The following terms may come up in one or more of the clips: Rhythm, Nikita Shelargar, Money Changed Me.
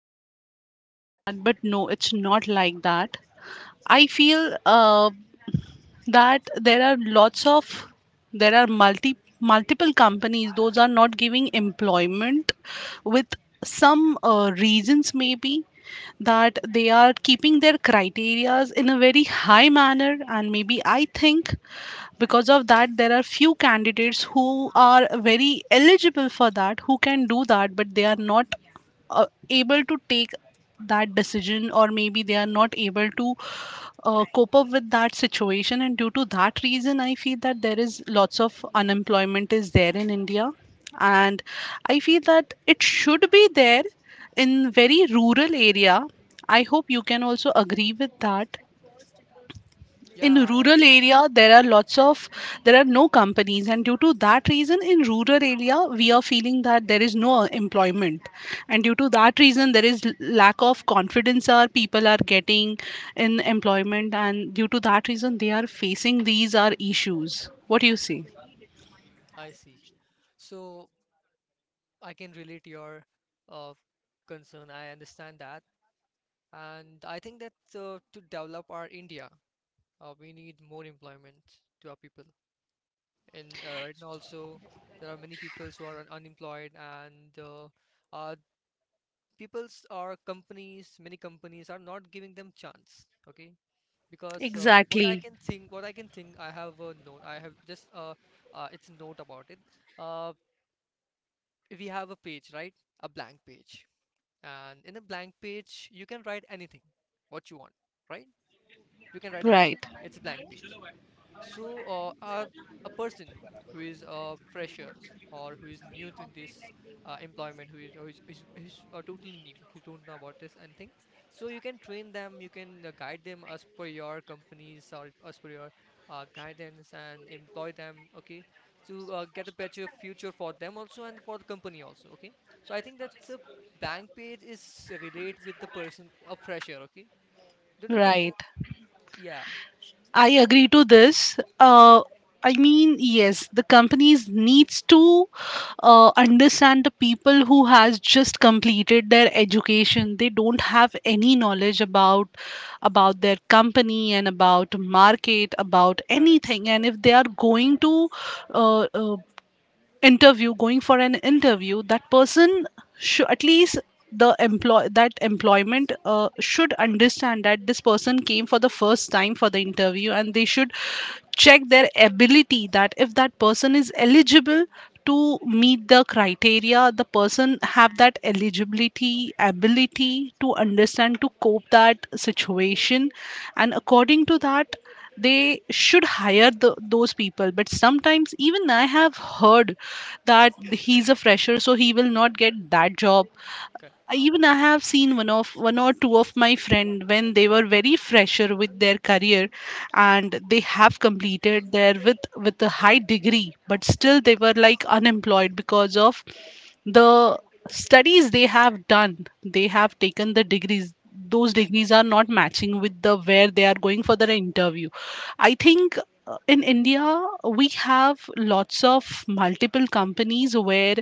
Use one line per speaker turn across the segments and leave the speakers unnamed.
educated or maybe that, but no, it's not like that. I feel that there are lots of there are multiple companies those are not giving employment with some reasons maybe that they are keeping their criterias in a very high manner, and maybe I think because of that there are few candidates who are very eligible for that, who can do that, but they are not able to take that decision, or maybe they are not able to cope up with that situation. And due to that reason I feel that there is lots of unemployment is there in India. And I feel that it should be there in very rural area. I hope you can also agree with that. In
yeah, I
rural
agree.
area there are lots of there are no companies, and due to that reason in rural area we are feeling that there is no employment. And due to that reason there is lack of confidence our people are getting in employment, and due to that reason they are facing these are issues. What do you say?
I see. So I can relate your uh, concern. I understand that, and I think that to develop our India, we need more employment to our people. And right now also, there are many people who are unemployed, and uh, peoples or companies, many companies are not giving them chance. Okay, because
Exactly.
what I can think, I have a note. I have just it's a note about it. Uh, we have a page, right? A blank page, and in a blank page, you can write anything, what you want, right? You can write anything.
Right,
It's a blank page. So, uh, a, a person who is a fresher or who is new to this employment, who is totally new, who don't know about this anything. So you can train them, you can guide them as per your companies or as per your guidance and employ them, okay, to get a better future for them also and for the company also, okay. So I think that's a bank page is relate with the person, a fresher, okay. Don't you think
right.
that? Yeah,
I agree to this. I mean, yes, the companies needs to understand the people who has just completed their education. They don't have any knowledge about their company and about market, about
correct,
anything. And if they are going to uh, uh, interview going for an interview, that person should at least the employ that employment should understand that this person came for the first time for the interview, and they should check their ability that if that person is eligible to meet the criteria, the person have that eligibility ability to understand to cope that situation. And according to that they should hire those people. But sometimes even I have heard that he's a fresher so he will not get that job. I
correct.
even I have seen one or two of my friend when they were very fresher with their career, and they have completed their with a high degree but still they were like unemployed because of the studies they have done. They have taken the degrees. Those degrees are not matching with the where they are going for their interview. I think in India we have lots of multiple companies where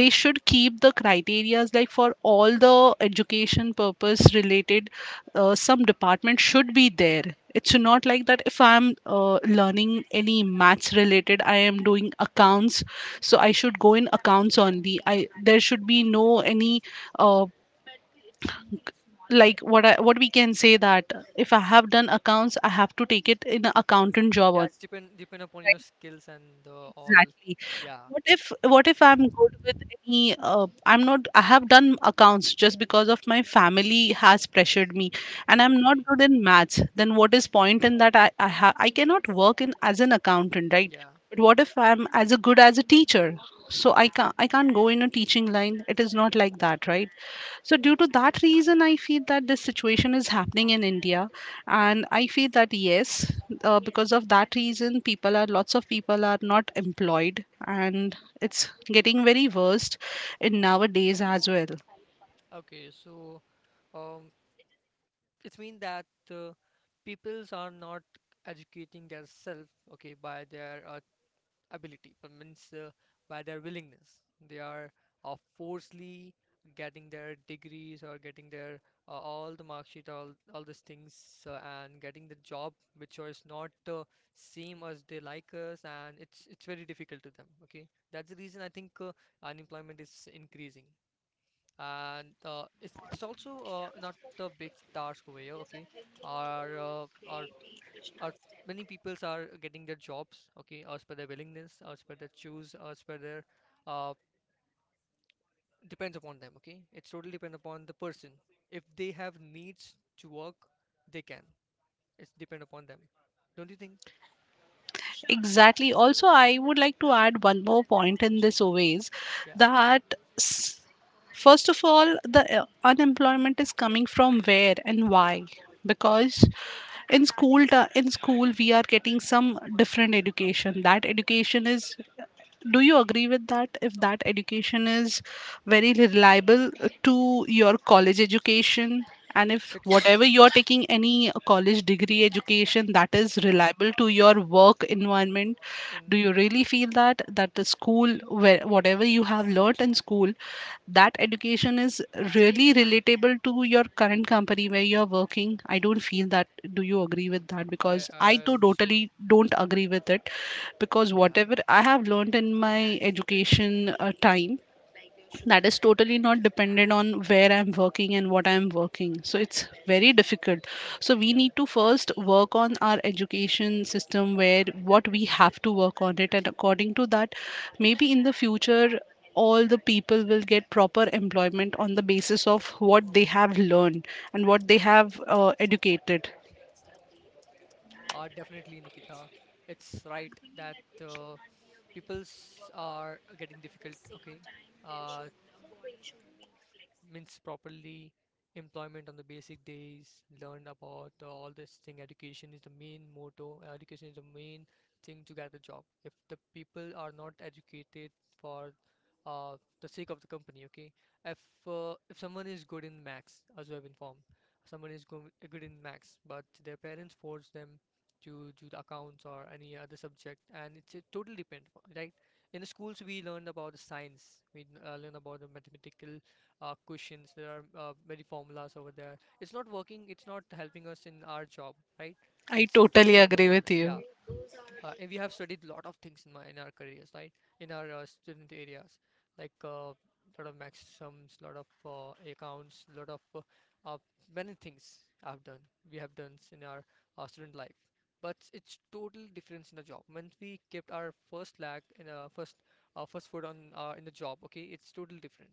they should keep the criterias like for all the education purpose related some department should be there. It's not like that if I'm learning any maths related I am doing accounts, so I should go in accounts only. I there should be no any uh, like what what we can say that if I have done accounts I have to take it in an accountant job
Yeah,
on.
it's depend upon your
Right.
skills and the all.
Exactly.
Yeah,
What if I'm good with any I'm not I have done accounts just because of my family has pressured me, and I'm not
okay.
good in maths. Then what is point in that? I cannot work in as an accountant, right?
Yeah,
But what if I'm as a good as a teacher? So I can't go in a teaching line. It is not like that, right? So due to that reason I feel that this situation is happening in India, and I feel that yes, because of that reason people are lots of people are not employed, and it's getting very worst in nowadays as well.
okay. So, um, it means that peoples are not educating themselves, okay, by their ability, but means by their willingness. They are forcefully getting their degrees or getting their all the mark sheet, all these things, and getting the job which is not same as they like us, and it's very difficult to them. Okay, that's the reason I think unemployment is increasing. And it's also not the big task over here, okay? Our uh, our our many peoples are getting their jobs, okay, as per their willingness, as per their choose, as per their uh, depends upon them, okay. It's totally depend upon the person. If they have needs to work, they can. It's depend upon them. Don't you think?
Exactly. Also, I would like to add one more point in this always,
Yeah.
that s- first of all, the unemployment is coming from where and why? Because in school we are getting some different education. That education is do you agree with that? If that education is very reliable to your college education, and if
It's
whatever you are taking any college degree education that is
yeah.
reliable to your work environment,
Uh,
do you
no,
really feel that that the school where whatever you have learnt in school, that education is really relatable to your current company where you're working? I don't feel that. Do you agree with that?
I
Because I too
also
totally don't agree with it. Because
yeah
whatever I have learned in my education time, that is totally not dependent on where I'm working and what I'm working. So it's very difficult. So we
yeah.
need to first work on our education system, where what we have to work on it. And according to that, maybe in the future all the people will get proper employment on the basis of what they have learned and what they have educated.
Definitely Nikita. It's right that uh, peoples are getting difficult. Okay. Uh, means properly employment on the basic days learned about all this thing education is the main motto education is the main thing to get a job if the people are not educated for uh, the sake of the company okay if if someone is good in max as I've informed good in max but their parents force them to do the accounts or any other subject and it's a totally depend right in the schools we learn about the science we learn about the mathematical questions there are many formulas over there it's not working it's not helping us in our job right
I
it's totally
totally
different
agree
here
with
yeah
you.
and we have studied a lot of things in my in our careers right in our student areas like a lot of max sums lot of accounts lot of uh, many things I've done we have done in our student life but it's totally different in the job when we kept our first lag in a first foot on in the job okay it's totally different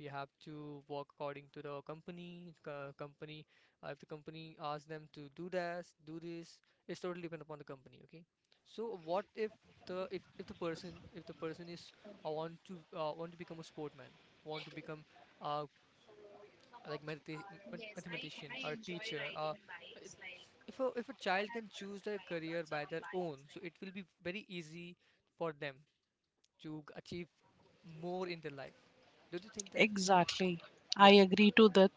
we have to work according to the company if the company asks them to do this it's totally depend upon the company okay so what if the person is want to become a sportman want to become uh, like mathematician or a teacher it's, if a child can choose their career by their own so it will be very easy for them to achieve more in their life don't you think that
Exactly. I
yeah.
agree to that.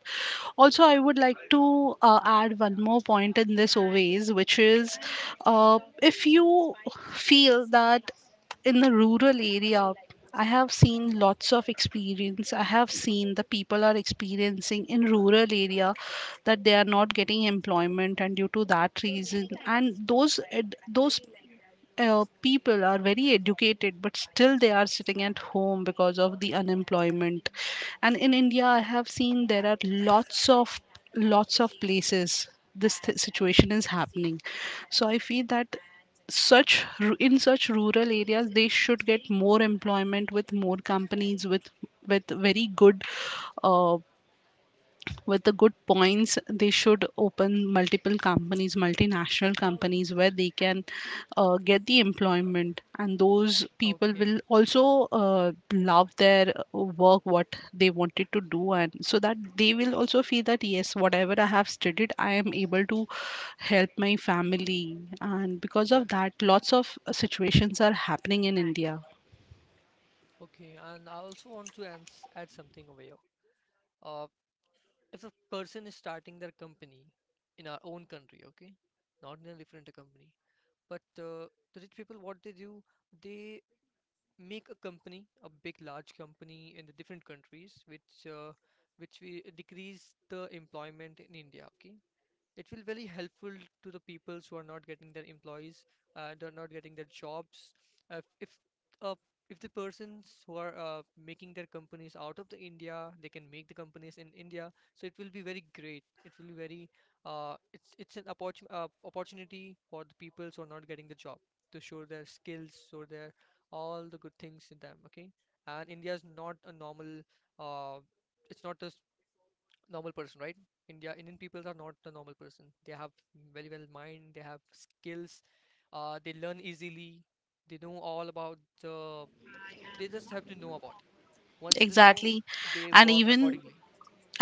Also, I would like to add one more point in this always, which is if you feel that in the rural area, I have seen lots of experience. I have seen the people are experiencing in rural area that they are not getting employment, and due to that reason, and those people are very educated but still they are sitting at home because of the unemployment. And in India I have seen there are lots of places this situation is happening. So I feel that in such rural areas they should get more employment with more companies with very good uh, with the good points. They should open multiple companies multinational companies where they can get the employment, and those people
Okay,
will also love their work what they wanted to do. And so that they will also feel that yes, whatever I have studied I am able to help my family. And because
yeah,
of that lots of situations are happening in India.
okay. And I also want to ans add something over here. Uh, if a person is starting their company in our own country, okay, not in a different company, but the rich people, what they do, they make a company, a big, large company in the different countries, which we decrease the employment in India, okay. It will very helpful to the peoples who are not getting their employees they're not getting their jobs uh, if uh, if the persons who are making their companies out of the india they can make the companies in india so it will be very great it will be very it's an opportunity for the peoples who are not getting the job to show their skills show their all the good things in them okay and india is not a normal uh, it's not a normal person, right? Indian peoples are not the normal person. They have very well mind. They have skills. They learn easily. They know all about the. They just have to know about it. Once they know,
Exactly.
they
And
work
even
accordingly.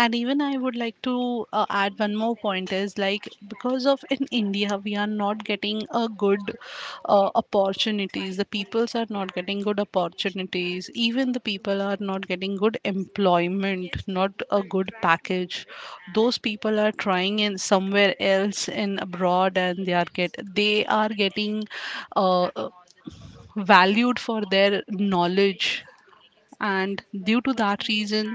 I would like to add one more point is like because of in India we are not getting a good opportunities. The peoples are not getting good opportunities. Even the people are not getting good employment, not a good package. Those people are trying in somewhere else in abroad, and they are get they are getting uh, uh, valued for their knowledge. And due to that reason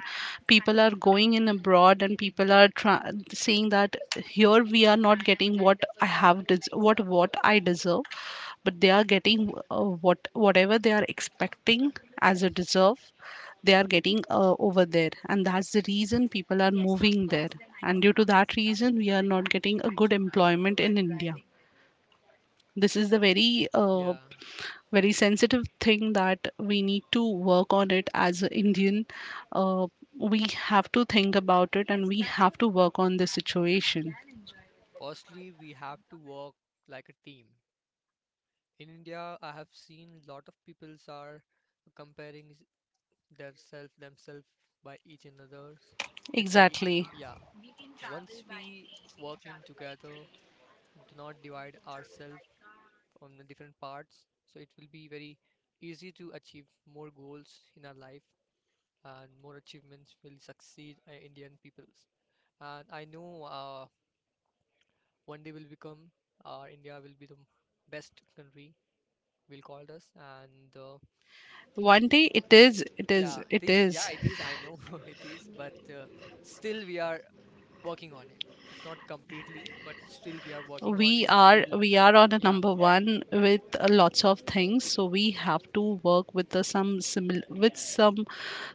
people are going in abroad, and people are saying that here we are not getting what I deserve, but they are getting what whatever they are expecting as a deserve they are getting over there. And that's the reason people are moving there. And due to that reason we are not getting a good employment in India. This is the very
Yeah.
very sensitive thing that we need to work on it as an Indian. Uh, we have to think about it, and we have to work on this situation.
Firstly, we have to work like a team. In India, I have seen lot of peoples are comparing s- their self themselves by each another's. It's very
Exactly.
yeah. Once we work in together, do not divide ourselves on the different parts so it will be very easy to achieve more goals in our life and more achievements will succeed indian peoples and I know one day will become india will be the best country will call us and
One day it is, it is, it
yeah
is.
it is I know it is but still we are working on it it's not completely but still we are working on
we
it
are
still
we are on a
yeah
number one with lots of things, so we have to work with the, some with some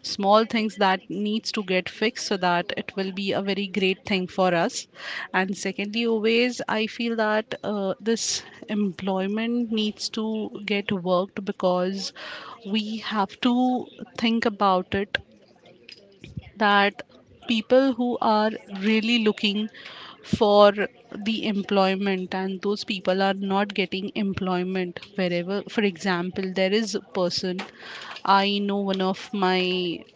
small things that needs to get fixed, so that it will be a very great thing for us. And secondly always I feel that this employment needs to get worked because we have to think about it that people who are really looking for the employment and those people are not getting employment wherever. For example, there is a person. I know one of my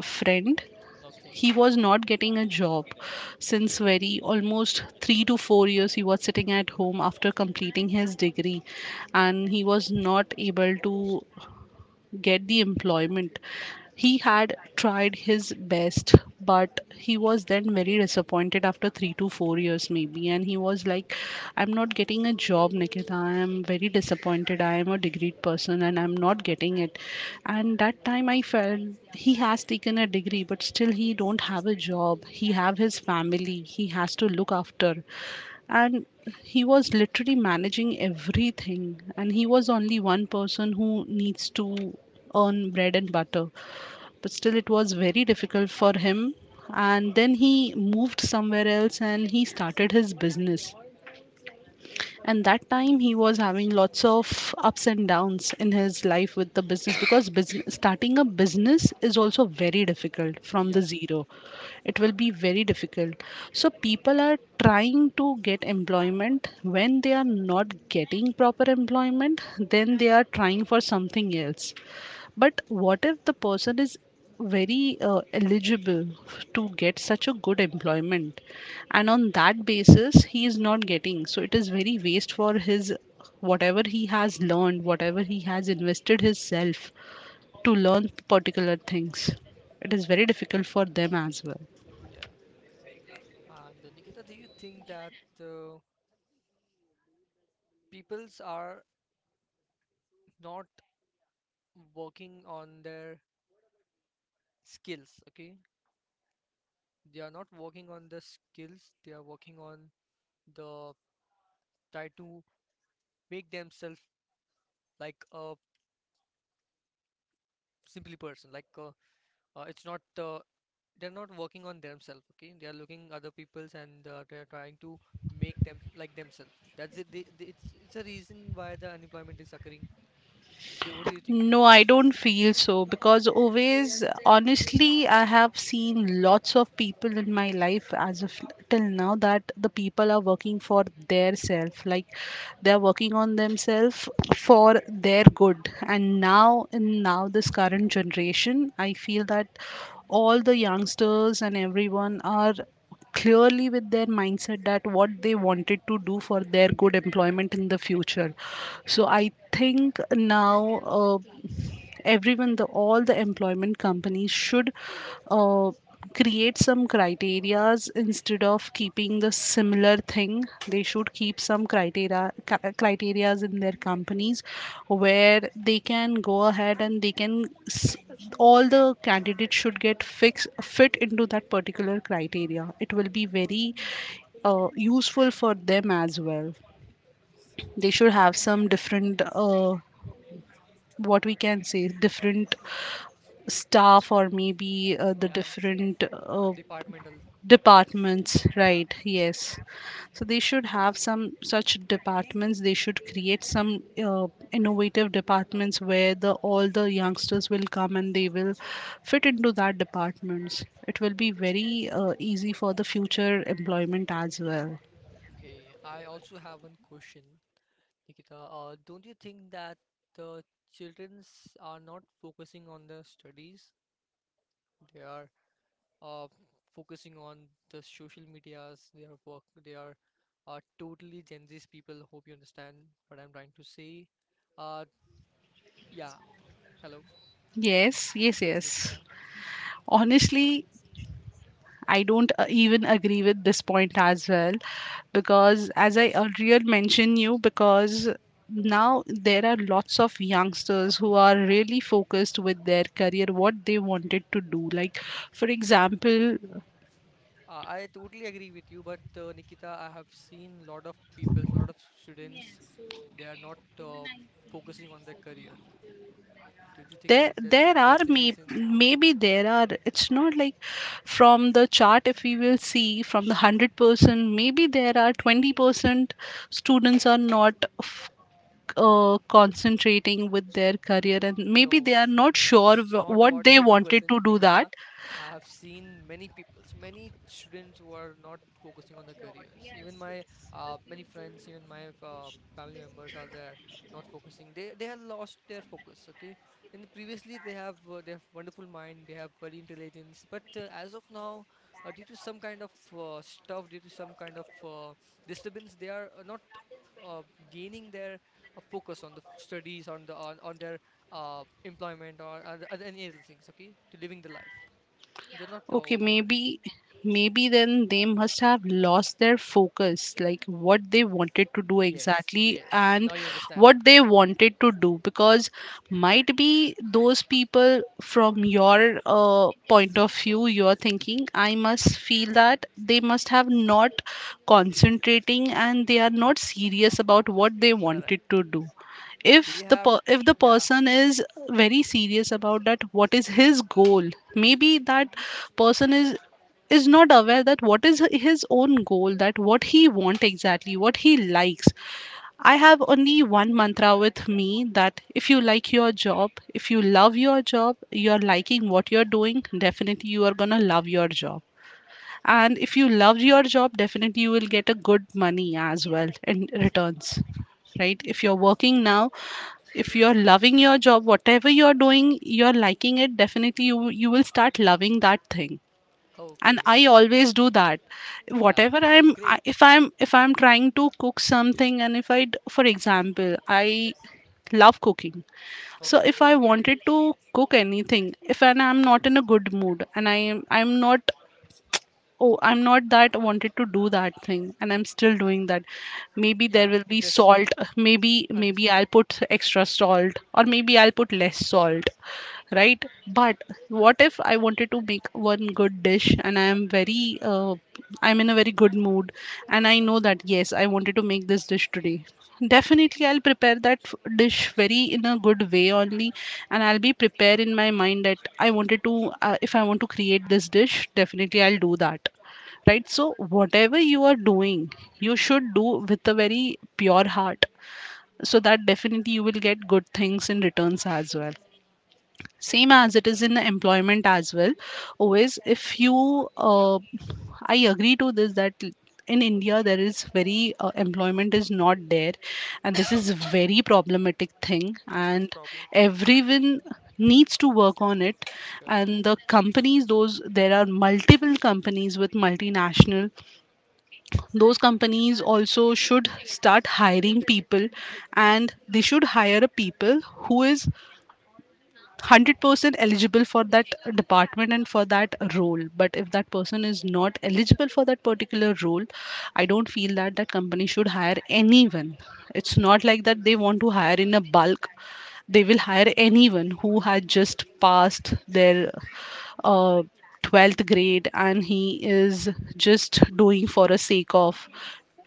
friend
okay
he was not getting a job since very almost 3 to 4 years. He was sitting at home after completing his degree, and he was not able to get the employment. He had tried his best, but he was then very disappointed after 3 to 4 years, maybe. And he was like, I'm not getting a job, Nikita. I am very disappointed. I am a degree person, and I'm not getting it. And that time I felt he has taken a degree, but still he don't have a job. He have his family. He has to look after. And he was literally managing everything, and he was only one person who needs to earn bread and butter. But still it was very difficult for him, and then he moved somewhere else and he started his business. And that time he was having lots of ups and downs in his life with the business, because business, starting a business is also very difficult from the
yeah
zero. It will be very difficult. So people are trying to get employment. When they are not getting proper employment, then they are trying for something else. But what if the person is very eligible to get such a good employment, and on that basis he is not getting? So it is very waste for his whatever he has learned, whatever he has invested his self to learn particular things. It is very difficult for them as well.
yeah and nikita do you think that peoples are not working on their skills okay they are not working on the skills they are working on the try to make themselves like a simply person like it's not they're not working on themselves okay they are looking other people's and they're trying to make them like themselves that's it it's a reason why the unemployment is occurring. Do- what do you think
No, I don't feel so, because always, honestly, I have seen lots of people in my life as of till now that the people are working for their self, like they are working on themselves for their good. And now, in now this current generation, I feel that all the youngsters and everyone are clearly with their mindset that what they wanted to do for their good employment in the future. So I think now, uh, everyone the all the employment companies should, uh, create some criterias instead of keeping the similar thing. They should keep some criteria, criterias in their companies where they can go ahead and they can, all the candidates should get fixed fit into that particular criteria. It will be very useful for them as well. They should have some different, what we can say, different staff, or maybe the
yeah
different,
departmental like this
departments,
yeah
right? Yes. So they should have some such departments. They should create some innovative departments where the all the youngsters will come and they will fit into that departments. It will be very easy for the future employment as well.
okay I also have one question Nikita, don't you think that the childrens are not focusing on the studies? They are uh, focusing on the social medias, their work. They are totally Gen Z's people. Hope you understand what I'm trying to say. Uh, yeah. Hello.
Yes, yes,
Yes,
yes.
Nikita.
Honestly, I don't even agree with this point as well, because as
Why
I
so?
earlier mentioned you. Because now there are lots of youngsters who are really focused with their career, what they wanted to do, like for example,
I totally agree with you, but Nikita, I have seen lot of people, lot of students. They are not focusing on their career. Don't you think
there
that that's it?
there are
That's the
may,
reason.
maybe there are, it's not like, from the chart if we will see, from the 100% maybe there are 20% students are not concentrating with their career, and maybe they are
No,
not
no,
sure
it's not
what
about
they wanted
20%,
to do that.
Nikita. I've seen many people, many students who are not focusing on their careers. Even my many friends, even my family members are there not focusing. They have lost their focus. Okay, in the previously they have wonderful mind, they have very intelligence, but as of now, due to some kind of stuff, due to some kind of disturbance, they are not uh, gaining their focus on the studies on on their employment other any other things, okay? To living the life. They're not
Okay,
working on it.
maybe then they must have lost their focus, like what they wanted to do
Yes,
exactly,
yes.
and
Now you understand.
what they wanted to do, because might be those people from your point of view, you're thinking. I must feel that they must have not concentrating and they are not serious about what they
Correct.
wanted to do. if
They
the
have,
per- if the
yeah,
person is very serious about that, what is his goal? Maybe that person is not aware that what is his own goal, that what he want exactly, what he likes. I have only one mantra with me, that if you like your job, if you love your job, you're liking what you're doing, definitely you are going to love your job. And if you love your job, definitely you will get a good money as well in returns, right? If you're working now, if you're loving your job, whatever you're doing, you're liking it, definitely you will start loving that thing. And
okay.
I always do that,
Yeah,
whatever I'm
that's
I-
great.
if I'm trying to cook something, and if for example I love cooking. So
Okay.
if I wanted to cook anything, if and I'm not in a good mood, and I'm not, oh I'm not that wanted to do that thing, and I'm still doing that. Maybe there
Yeah,
will be
interest,
salt, maybe
understand.
I'll put extra salt or maybe I'll put less salt, right? But what if I wanted to make one good dish, and I am very, I'm in a very good mood, and I know that, yes, I wanted to make this dish today. Definitely, I'll prepare that dish very in a good way only, and I'll be prepared in my mind that I wanted to, if I want to create this dish, definitely I'll do that, right? So whatever you are doing, you should do with a very pure heart, so that definitely you will get good things in returns as well. Same
Okay,
as it is in
Nikita.
employment as well. Always, if you, I agree to this, that in India there is very, employment is not there, and this is very problematic thing.
It's a big
And
problem.
everyone needs to work on it.
Correct.
And the companies, those there are multiple companies with multinational, those companies also should start hiring people, and they should hire a people who is 100% eligible for that department and for that role. But if that person is not eligible for that particular role, I don't feel that that company should hire anyone. It's not like that they want to hire in a bulk. They will hire anyone who had just passed their, uh, 12th grade, and he is just doing for a sake of,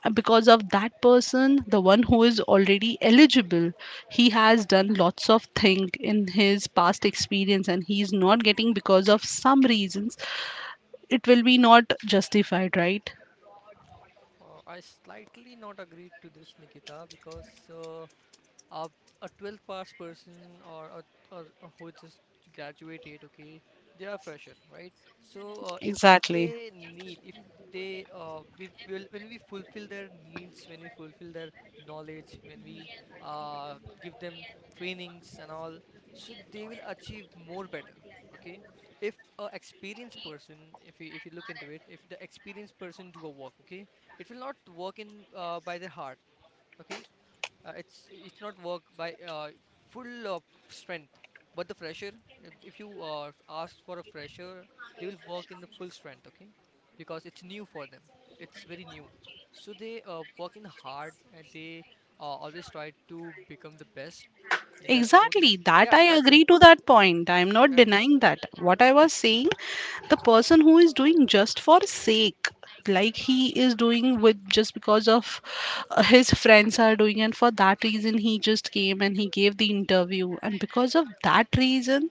because of that person, the one who is already eligible, he has done lots of thing in his past experience, and he is not getting because of some reasons. It will be not justified, right?
I slightly not agree to this, Nikita, because a a 12th pass person or a, or a who just graduated. Okay, they are fresher, right? So if
Exactly.
they need, if they we will, when we fulfill their needs, when we fulfill their knowledge, when we give them trainings and all, so they will achieve more better. Okay. If a experienced person, if you look into it, if the experienced person do a work, okay, it will not work in by their heart. Okay. It's not work by full of strength. But the fresher, if you ask for a fresher, they will work in the full strength. Okay, because it's new for them, it's very new. So they work in hard and they always try to become the best in their own.
Exactly, that
Yeah,
I
that's
agree
it.
to that point. I am not
Correct.
denying that. What I was saying, the person who is doing just for sake, like he is doing with just because of, his friends are doing, and for that reason he just came and he gave the interview, and because of that reason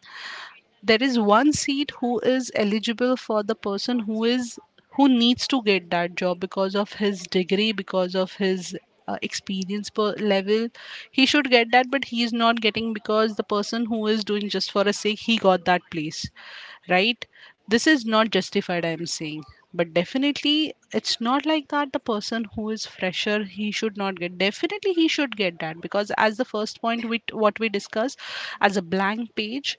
there is one seat who is eligible for the person who needs to get that job, because of his degree, because of his, experience per level. He should get that, but he is not getting because the person who is doing just for a sake, he got that place, right? This is not justified, I'm saying. But definitely, it's not like that the person who is fresher he should not get. Definitely he should get that, because as the first point we, what we discussed, as a blank page,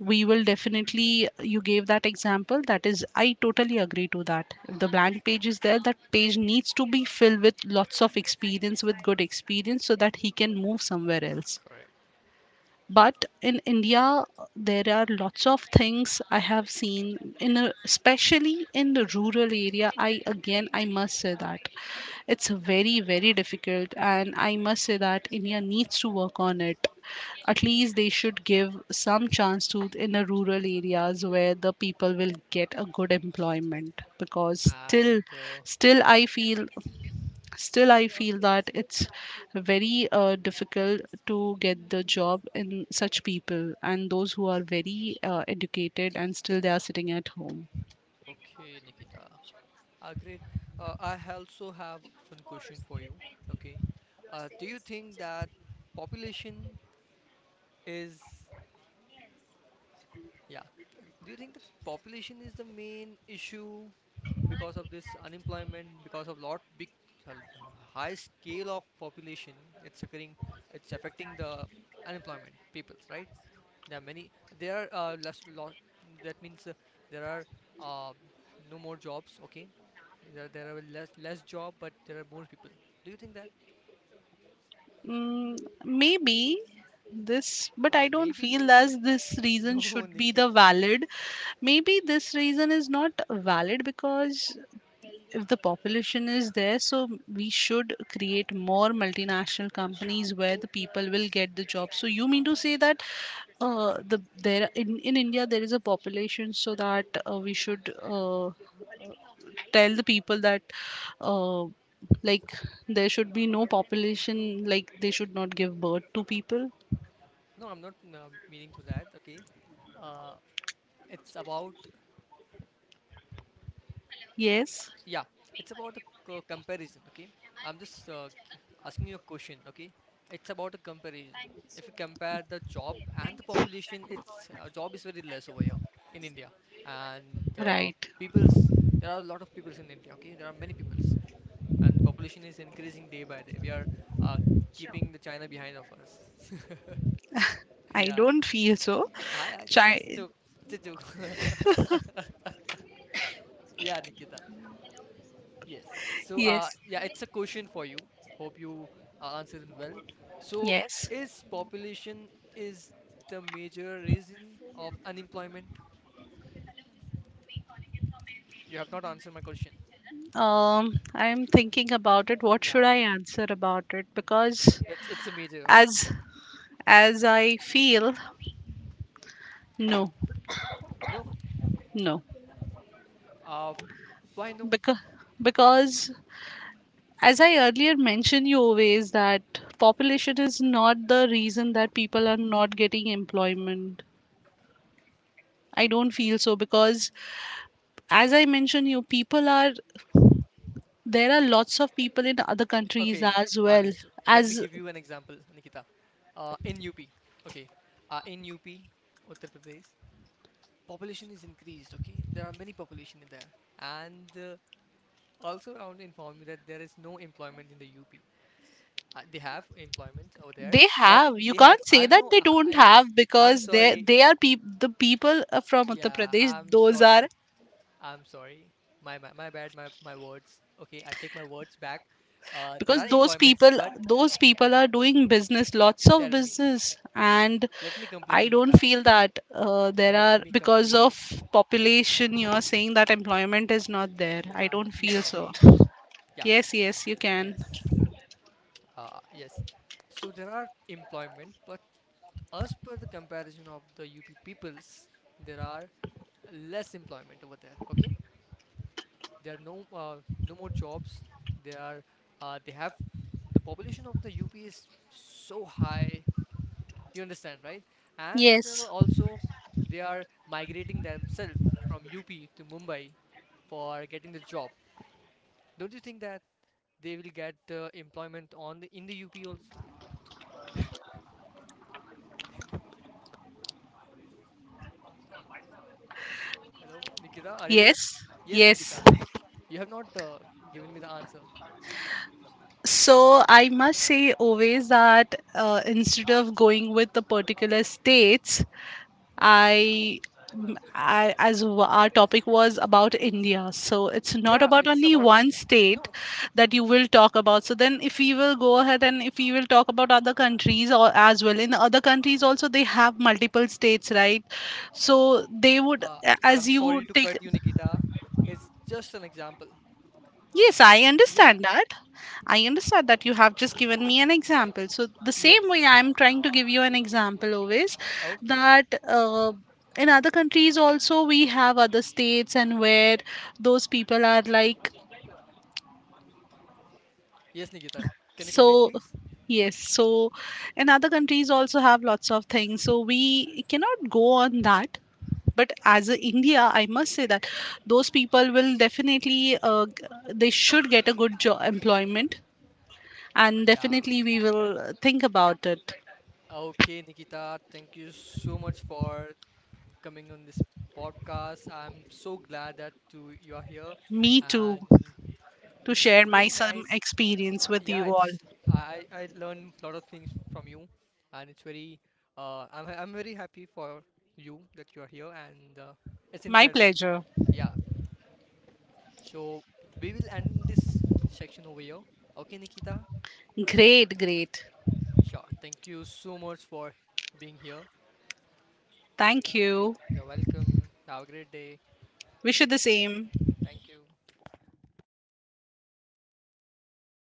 we will definitely, you gave that example, that is, I totally agree to that. If the blank page is there, that page needs to be filled with lots of experience, with good experience, so that he can move somewhere else. But in India there are lots of things I have seen in a, especially in the rural area. I again I must say that it's very, very difficult, and I must say that India needs to work on it. At least they should give some chance to in the rural areas where the people will get a good employment, because still
And
still I feel still I feel that it's very difficult to get the job in such people, and those who are very educated and still they are sitting at home.
okay, Nikita, ah, great. Also have one question for you. Okay. Do you think that population is Yeah. And do you think that population is the main issue, because of this unemployment, because of lot big uh, high scale of population, it's occurring, it's affecting the unemployment peoples, right? There are many. There are less loss. That means there are uh, no more jobs. Okay, there are less job, but there are more people. Do you think that?
mm, Maybe this, but I don't
Maybe.
feel as this reason
No,
should be the
Nikita.
valid. Maybe this reason is not valid, because if the population is there, so we should create more multinational companies where the people will get the job. So you mean to say that, the there in India there is a population, so that, we should, tell the people that, uh, like there should be no population, like they should not give birth to people.
No, I'm not meaning to that. Okay. Uh, it's about
Yes,
Yeah, it's about a comparison, okay? I'm just asking you a question, okay? It's about a comparison. If you compare the job and the population, it's job is very less over here in India, and uh,
right.
people's there are a lot of peoples in India, okay? There are many peoples, and population is increasing day by day. We are uh, keeping the China behind of us.
I
Yeah,
don't feel so.
I it's a
Chi-
joke. It's a joke. Yeah, Nikita. Yes. So,
yes,
yeah, it's a question for you. Hope you are answering well. So,
yes.
is population is the major reason of unemployment? You have not answered my question.
I'm thinking about it. What should
Yeah,
I answer about it? Because
it's a major.
as as I feel, no,
No.
no,
Uh, why no?
because because as I earlier mentioned, you always, that population is not the reason that people are not getting employment. I don't feel so, because as I mentioned, you people are there are lots of people in other countries
Okay,
as well
understood. Let me
as.
give you an example, Nikita. In UP, okay, in UP, Uttar Pradesh, population is increased. Okay, there are many population in there, and also I want to inform you that there is no employment in the UP. They have employment over there,
They
but
have. You
they have.
can't say
I've
that
no.
they don't
Yeah,
have,
I'm
because they
sorry.
they are peop the people from Uttar
Yeah,
Pradesh.
I'm
Those are,
sorry. I'm sorry. My bad. My words. Okay, I take my words back. There
because
are
those
employments,
people
but
those people
yeah.
are doing business, lots of
Tell me.
business. And
Let me complete,
I don't
Nikita.
feel that there
Let
are
me
because of
complete.
population. You are saying that employment is not there. I
Yeah,
don't
let me
feel so.
complete. Yeah.
Yes, yes, you can.
Yes. Yes. So there are employment, but as per the comparison of the UP peoples, there are less employment over there. Okay. There are no no more jobs. There are they have the population of the UP is so high. You understand, right? And
Yes,
also they are migrating themselves from UP to Mumbai for getting the job. Don't you think that they will get employment on the, in the UP also? Hello, Nikita, are you there?
yes,
Yes,
yes.
Nikita. You have not given me the answer.
So I must say always that instead of going with the particular states, I, I as our topic was about India, so it's not
Yeah,
about
it's
only
about
one
India.
state
No,
that you will talk about. So then, if we will go ahead and if we will talk about other countries or as well, in other countries also they have multiple states, right? So they would,
uh,
as
I'm sorry
you
to cut
take.
you, Nikita. It's just an example.
Yes, I
Yeah.
understand that. I understand that you have just given me an example. So, the same way
Yes.
I'm trying to give you an example always,
Okay.
that, in other countries also we have other states, and where those people are, like,
Yes, Nikita. Can you complete,
so.
please?
Yes, so in other countries also have lots of things. So we cannot go on that. But as a India, I must say that those people will definitely, they should get a good job employment, and
Yeah.
definitely we will think about it.
Okay, Nikita. Thank you so much for coming on this podcast. I'm so glad that you are here,
Me too,
and
to
it's
share
it's
my
very
some
nice.
experience with you
Yeah,
all.
it's I learn a lot of things from you, and it's very I'm very happy for you that you are here, and it's
My
incredible.
pleasure.
Yeah. So we will end this section over here. Okay, Nikita.
Great, great.
Sure. Thank you so much for being here. Yeah.
Thank you.
You're welcome. Have a great day.
Wish you the same.
Thank you.